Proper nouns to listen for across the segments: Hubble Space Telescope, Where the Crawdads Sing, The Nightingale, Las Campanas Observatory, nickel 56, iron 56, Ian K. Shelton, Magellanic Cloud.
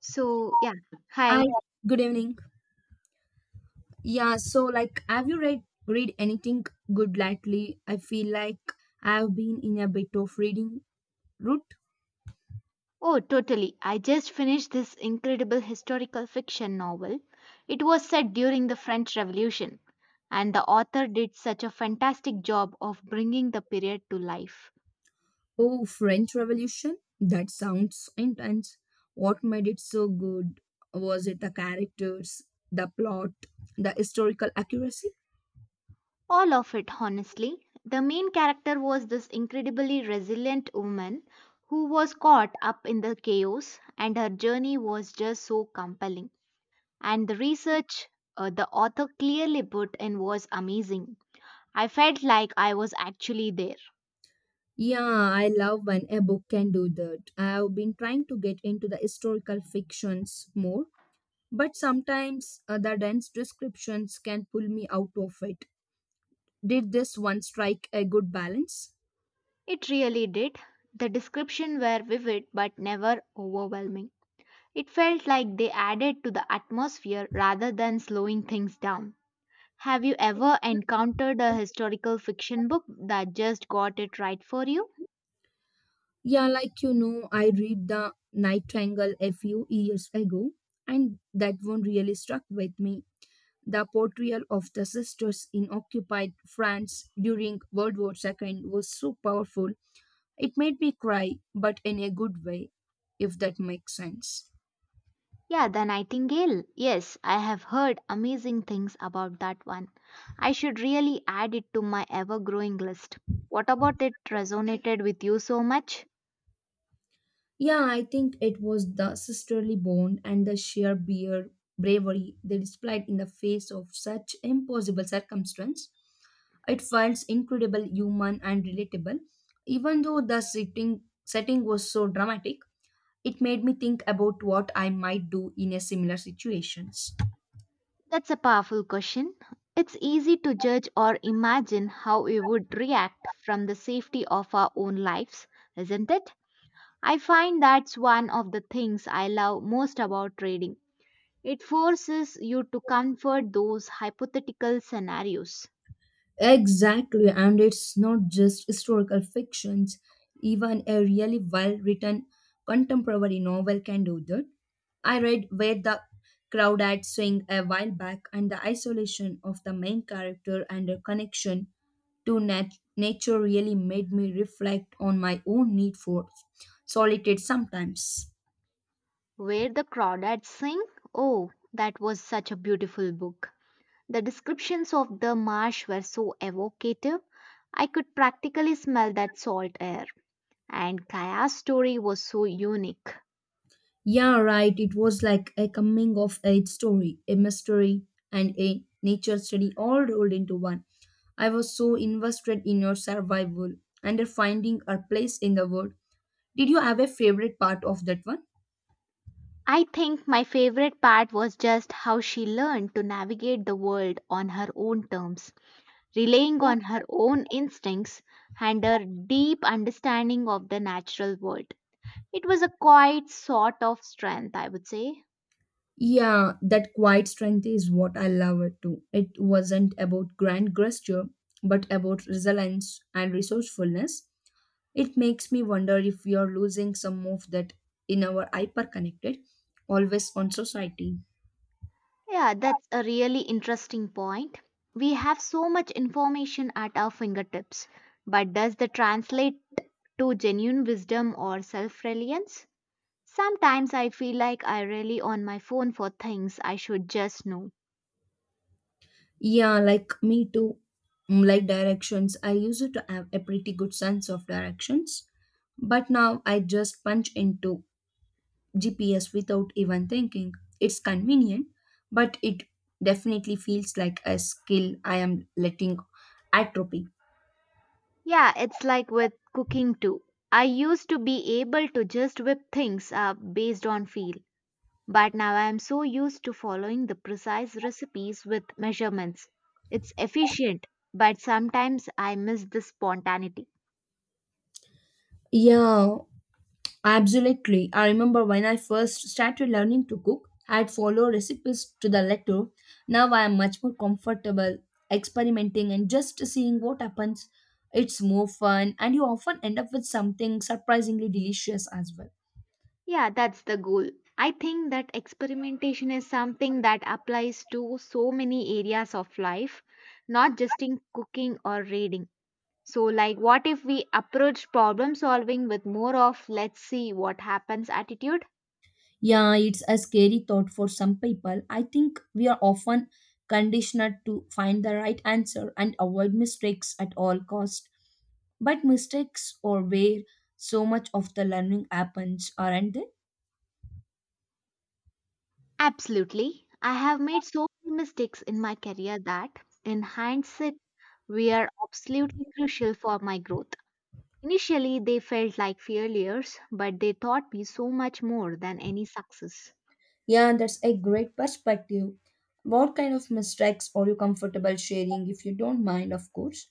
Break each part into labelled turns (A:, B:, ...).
A: So, yeah,
B: Hi,
A: hi.
B: good evening. Have you read anything good lately? I feel like I've been in a bit of reading route.
A: Oh, totally. I just finished this incredible historical fiction novel. It was set during the French Revolution, and the author did such a fantastic job of bringing the period to life.
B: Oh, French Revolution? That sounds intense. What made it so good? Was it the characters, the plot, the historical accuracy?
A: All of it, honestly. The main character was this incredibly resilient woman who was caught up in the chaos, and her journey was just so compelling. And the research the author clearly put in was amazing. I felt like I was actually there.
B: Yeah, I love when a book can do that. I've been trying to get into the historical fictions more, but sometimes the dense descriptions can pull me out of it. Did this one strike a good balance?
A: It really did. The descriptions were vivid but never overwhelming. It felt like they added to the atmosphere rather than slowing things down. Have you ever encountered a historical fiction book that just got it right for you?
B: I read The Nightingale a few years ago, and that one really struck with me. The portrayal of the sisters in occupied France during World War II was so powerful. It made me cry, but in a good way, if that makes sense.
A: Yeah, The Nightingale. Yes, I have heard amazing things about that one. I should really add it to my ever growing list. What about it resonated with you so much?
B: Yeah, I think it was the sisterly bond and the sheer beer bravery they displayed in the face of such impossible circumstance. It felt incredible, human, and relatable. Even though the setting was so dramatic, it made me think about what I might do in a similar situations.
A: That's a powerful question. It's easy to judge or imagine how we would react from the safety of our own lives, isn't it? I find that's one of the things I love most about trading. It forces you to comfort those hypothetical scenarios.
B: Exactly, and it's not just historical fictions. Even a really well written contemporary novel can do that. I read Where the Crowd Had Swing a while back, and the isolation of the main character and her connection to nature really made me reflect on my own need for solitude sometimes.
A: Where the crawdads sing, oh, that was such a beautiful book. The descriptions of the marsh were so evocative. I could practically smell that salt air, and Kaya's story was so unique.
B: Yeah, right, it was like a coming of age story, a mystery, and a nature study all rolled into one. I was so invested in your survival and finding our place in the world. Did you have a favorite part of that one?
A: I think my favorite part was just how she learned to navigate the world on her own terms, relying on her own instincts and her deep understanding of the natural world. It was a quiet sort of strength, I would say.
B: Yeah, that quiet strength is what I love it too. It wasn't about grand gesture, but about resilience and resourcefulness. It makes me wonder if we are losing some of that in our hyper-connected, always on society.
A: Yeah, that's a really interesting point. We have so much information at our fingertips, but does that translate to genuine wisdom or self reliance? Sometimes I feel like I rely on my phone for things I should just know.
B: Yeah, like me too. Like directions, I used to have a pretty good sense of directions, but now I just punch into GPS without even thinking. It's convenient, but it definitely feels like a skill I am letting atrophy.
A: Yeah, it's like with cooking too. I used to be able to just whip things up based on feel, but now I am so used to following the precise recipes with measurements. It's efficient, but sometimes I miss the spontaneity.
B: Yeah, absolutely. I remember when I first started learning to cook, I'd follow recipes to the letter. Now I am much more comfortable experimenting and just seeing what happens. It's more fun, and you often end up with something surprisingly delicious as well.
A: Yeah, that's the goal. I think that experimentation is something that applies to so many areas of life, not just in cooking or reading. So, like, what if we approach problem solving with more of let's see what happens attitude?
B: Yeah, it's a scary thought for some people. I think we are often conditioned to find the right answer and avoid mistakes at all cost. But mistakes are where so much of the learning happens, aren't they?
A: Absolutely. I have made so many mistakes in my career that, in hindsight, were absolutely crucial for my growth. Initially, they felt like failures, but they taught me so much more than any success.
B: Yeah, that's a great perspective. What kind of mistakes are you comfortable sharing if you don't mind, of course?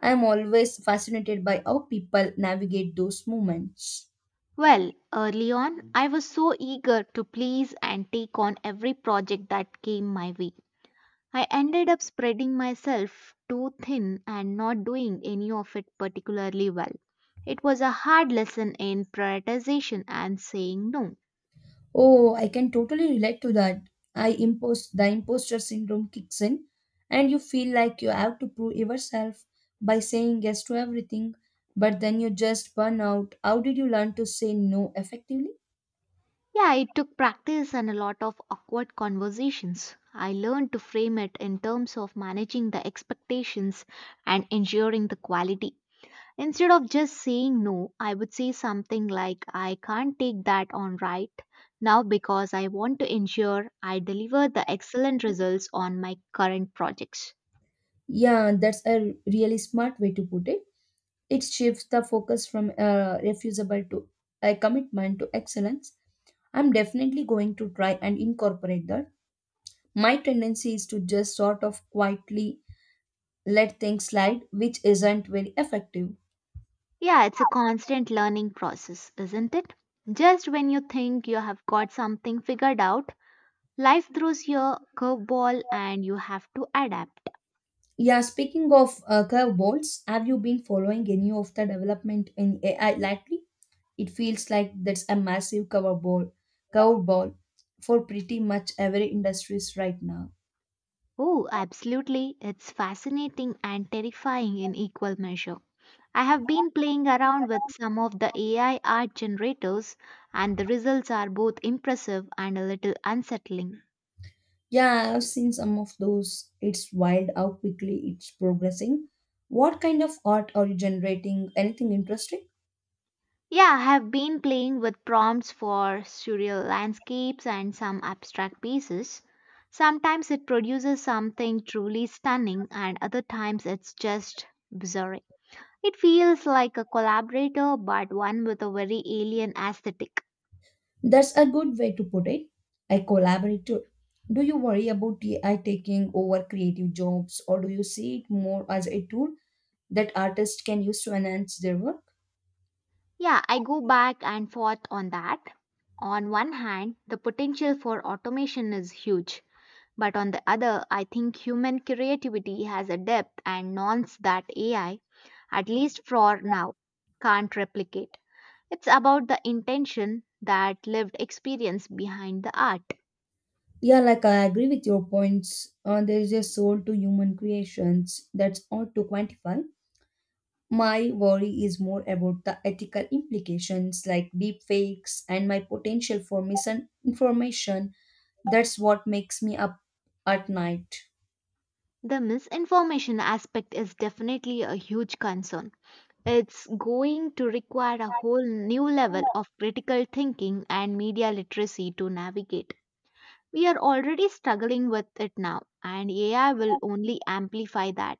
B: I am always fascinated by how people navigate those moments.
A: Well, early on, I was so eager to please and take on every project that came my way. I ended up spreading myself too thin and not doing any of it particularly well. It was a hard lesson in prioritization and saying no.
B: Oh, I can totally relate to that. I impost the imposter syndrome kicks in, and you feel like you have to prove yourself by saying yes to everything, but then you just burn out. How did you learn to say no effectively?
A: Yeah, it took practice and a lot of awkward conversations. I learned to frame it in terms of managing the expectations and ensuring the quality. Instead of just saying no, I would say something like, I can't take that on right now because I want to ensure I deliver the excellent results on my current projects.
B: Yeah, that's a really smart way to put it. It shifts the focus from refusable to a commitment to excellence. I'm definitely going to try and incorporate that. My tendency is to just sort of quietly let things slide, which isn't very effective.
A: Yeah, it's a constant learning process, isn't it? Just when you think you have got something figured out, life throws you a curveball and you have to adapt.
B: Yeah, speaking of curveballs, have you been following any of the development in AI lately? It feels like that's a massive curveball for pretty much every industries right now.
A: Oh, absolutely. It's fascinating and terrifying in equal measure. I have been playing around with some of the AI art generators, and the results are both impressive and a little unsettling.
B: Yeah, I've seen some of those. It's wild how quickly it's progressing. What kind of art are you generating? Anything interesting?
A: Yeah, I have been playing with prompts for surreal landscapes and some abstract pieces. Sometimes it produces something truly stunning, and other times it's just bizarre. It feels like a collaborator, but one with a very alien aesthetic.
B: That's a good way to put it. I collaborate too. Do you worry about AI taking over creative jobs or do you see it more as a tool that artists can use to enhance their work?
A: Yeah, I go back and forth on that. On one hand, the potential for automation is huge, but on the other, I think human creativity has a depth and nuance that AI, at least for now, can't replicate. It's about the intention, that lived experience behind the art.
B: Yeah, like I agree with your points. There is a soul to human creations that's hard to quantify. My worry is more about the ethical implications like deep fakes and my potential for misinformation. That's what makes me up at night.
A: The misinformation aspect is definitely a huge concern. It's going to require a whole new level of critical thinking and media literacy to navigate. We are already struggling with it now, and AI will only amplify that.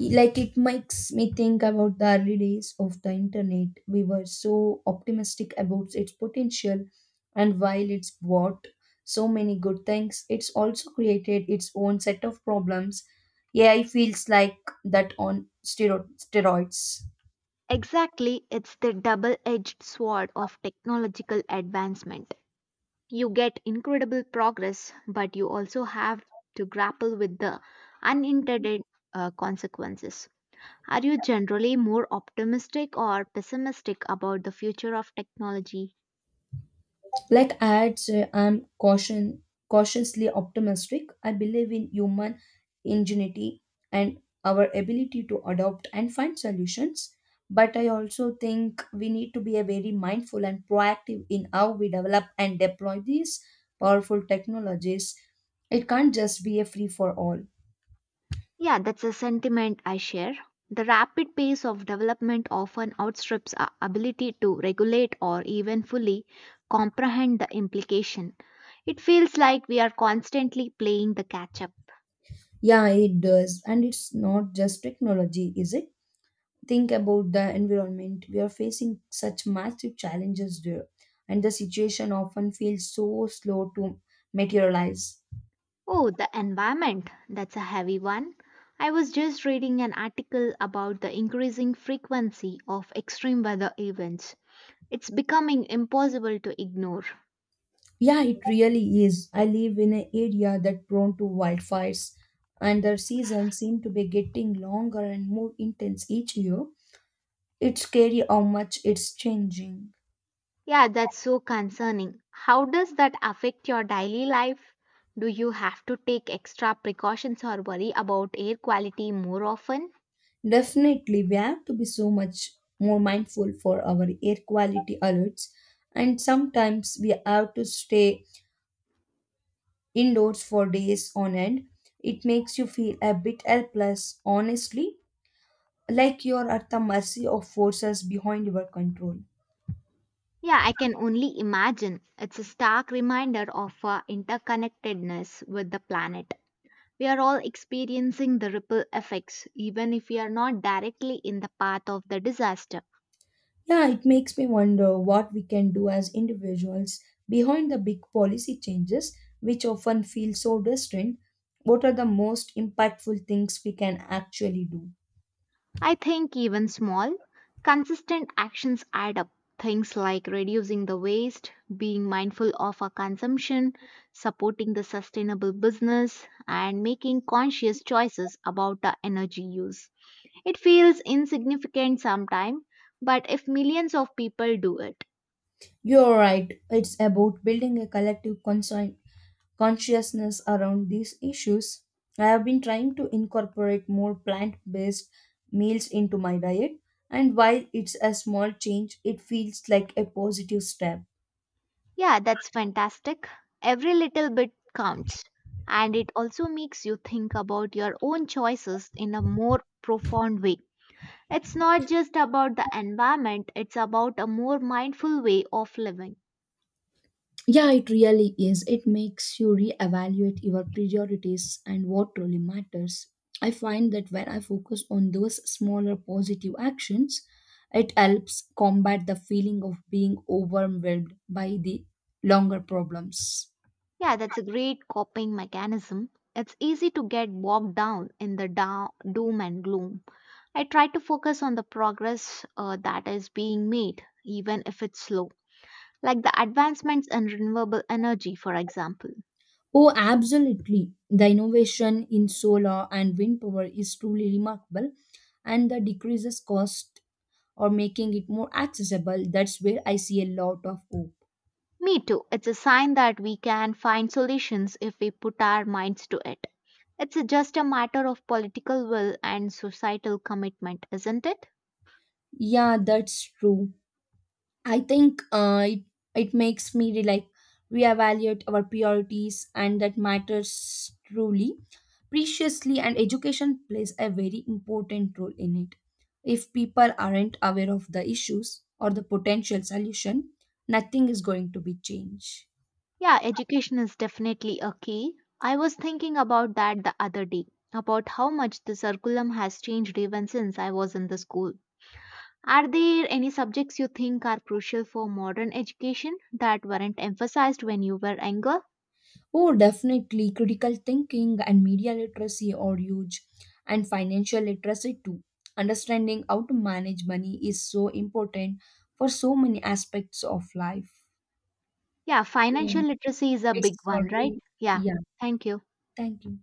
B: Like it makes me think about the early days of the internet. We were so optimistic about its potential, and while it's brought so many good things, it's also created its own set of problems. AI feels like that on steroids.
A: Exactly, it's the double edged sword of technological advancement. You get incredible progress, but you also have to grapple with the unintended consequences. Are you generally more optimistic or pessimistic about the future of technology?
B: I'm caution cautiously optimistic. I believe in human ingenuity and our ability to adopt and find solutions. But I also think we need to be a very mindful and proactive in how we develop and deploy these powerful technologies. It can't just be a free for all.
A: Yeah, that's a sentiment I share. The rapid pace of development often outstrips our ability to regulate or even fully comprehend the implication. It feels like we are constantly playing the catch up.
B: Yeah, it does. And it's not just technology, is it? Think about the environment. We are facing such massive challenges there, and the situation often feels so slow to materialize.
A: Oh, the environment. That's a heavy one. I was just reading an article about the increasing frequency of extreme weather events. It's becoming impossible to ignore.
B: Yeah, it really is. I live in an area that prone to wildfires, and their seasons seem to be getting longer and more intense each year. It's scary how much it's changing.
A: Yeah, that's so concerning. How does that affect your daily life? Do you have to take extra precautions or worry about air quality more often?
B: Definitely, we have to be so much more mindful for our air quality alerts, and sometimes we have to stay indoors for days on end. It makes you feel a bit helpless, honestly, like you're at the mercy of forces behind your control.
A: Yeah, I can only imagine. It's a stark reminder of our interconnectedness with the planet. We are all experiencing the ripple effects, even if we are not directly in the path of the disaster.
B: Yeah, it makes me wonder what we can do as individuals behind the big policy changes, which often feel so distant. What are the most impactful things we can actually do?
A: I think even small, consistent actions add up. Things like reducing the waste, being mindful of our consumption, supporting the sustainable business, and making conscious choices about our energy use. It feels insignificant sometimes, but if millions of people do it,
B: You're right, it's about building a collective conscience consciousness around these issues. I have been trying to incorporate more plant based meals into my diet, and while it's a small change, it feels like a positive step.
A: yeah, that's fantastic. Every little bit counts. And it also makes you think about your own choices in a more profound way. It's not just about the environment, it's about a more mindful way of living.
B: Yeah, it really is. It makes you reevaluate your priorities and what truly matters. I find that when I focus on those smaller positive actions, it helps combat the feeling of being overwhelmed by the longer problems.
A: Yeah, that's a great coping mechanism. It's easy to get bogged down in the doom and gloom. I try to focus on the progress that is being made, even if it's slow, like the advancements in renewable energy, for example.
B: Oh, absolutely. The innovation in solar and wind power is truly remarkable, and the decreases cost or making it more accessible. That's where I see a lot of hope.
A: Me too, it's a sign that we can find solutions if we put our minds to it. It's just a matter of political will and societal commitment, isn't it?
B: Yeah, that's true. I think it makes me reevaluate our priorities, and that matters truly. Preciously, and education plays a very important role in it. If people aren't aware of the issues or the potential solution, nothing is going to be changed.
A: Yeah, education is definitely a key. I was thinking about that the other day, about how much the curriculum has changed even since I was in the school. Are there any subjects you think are crucial for modern education that weren't emphasized when you were younger?
B: Oh, definitely. Critical thinking and media literacy are huge, and financial literacy too. Understanding how to manage money is so important for so many aspects of life.
A: Yeah, financial
B: Um,
A: literacy is a big
B: It's
A: one, right?
B: already,
A: Yeah,
B: yeah.
A: thank you.
B: Thank you.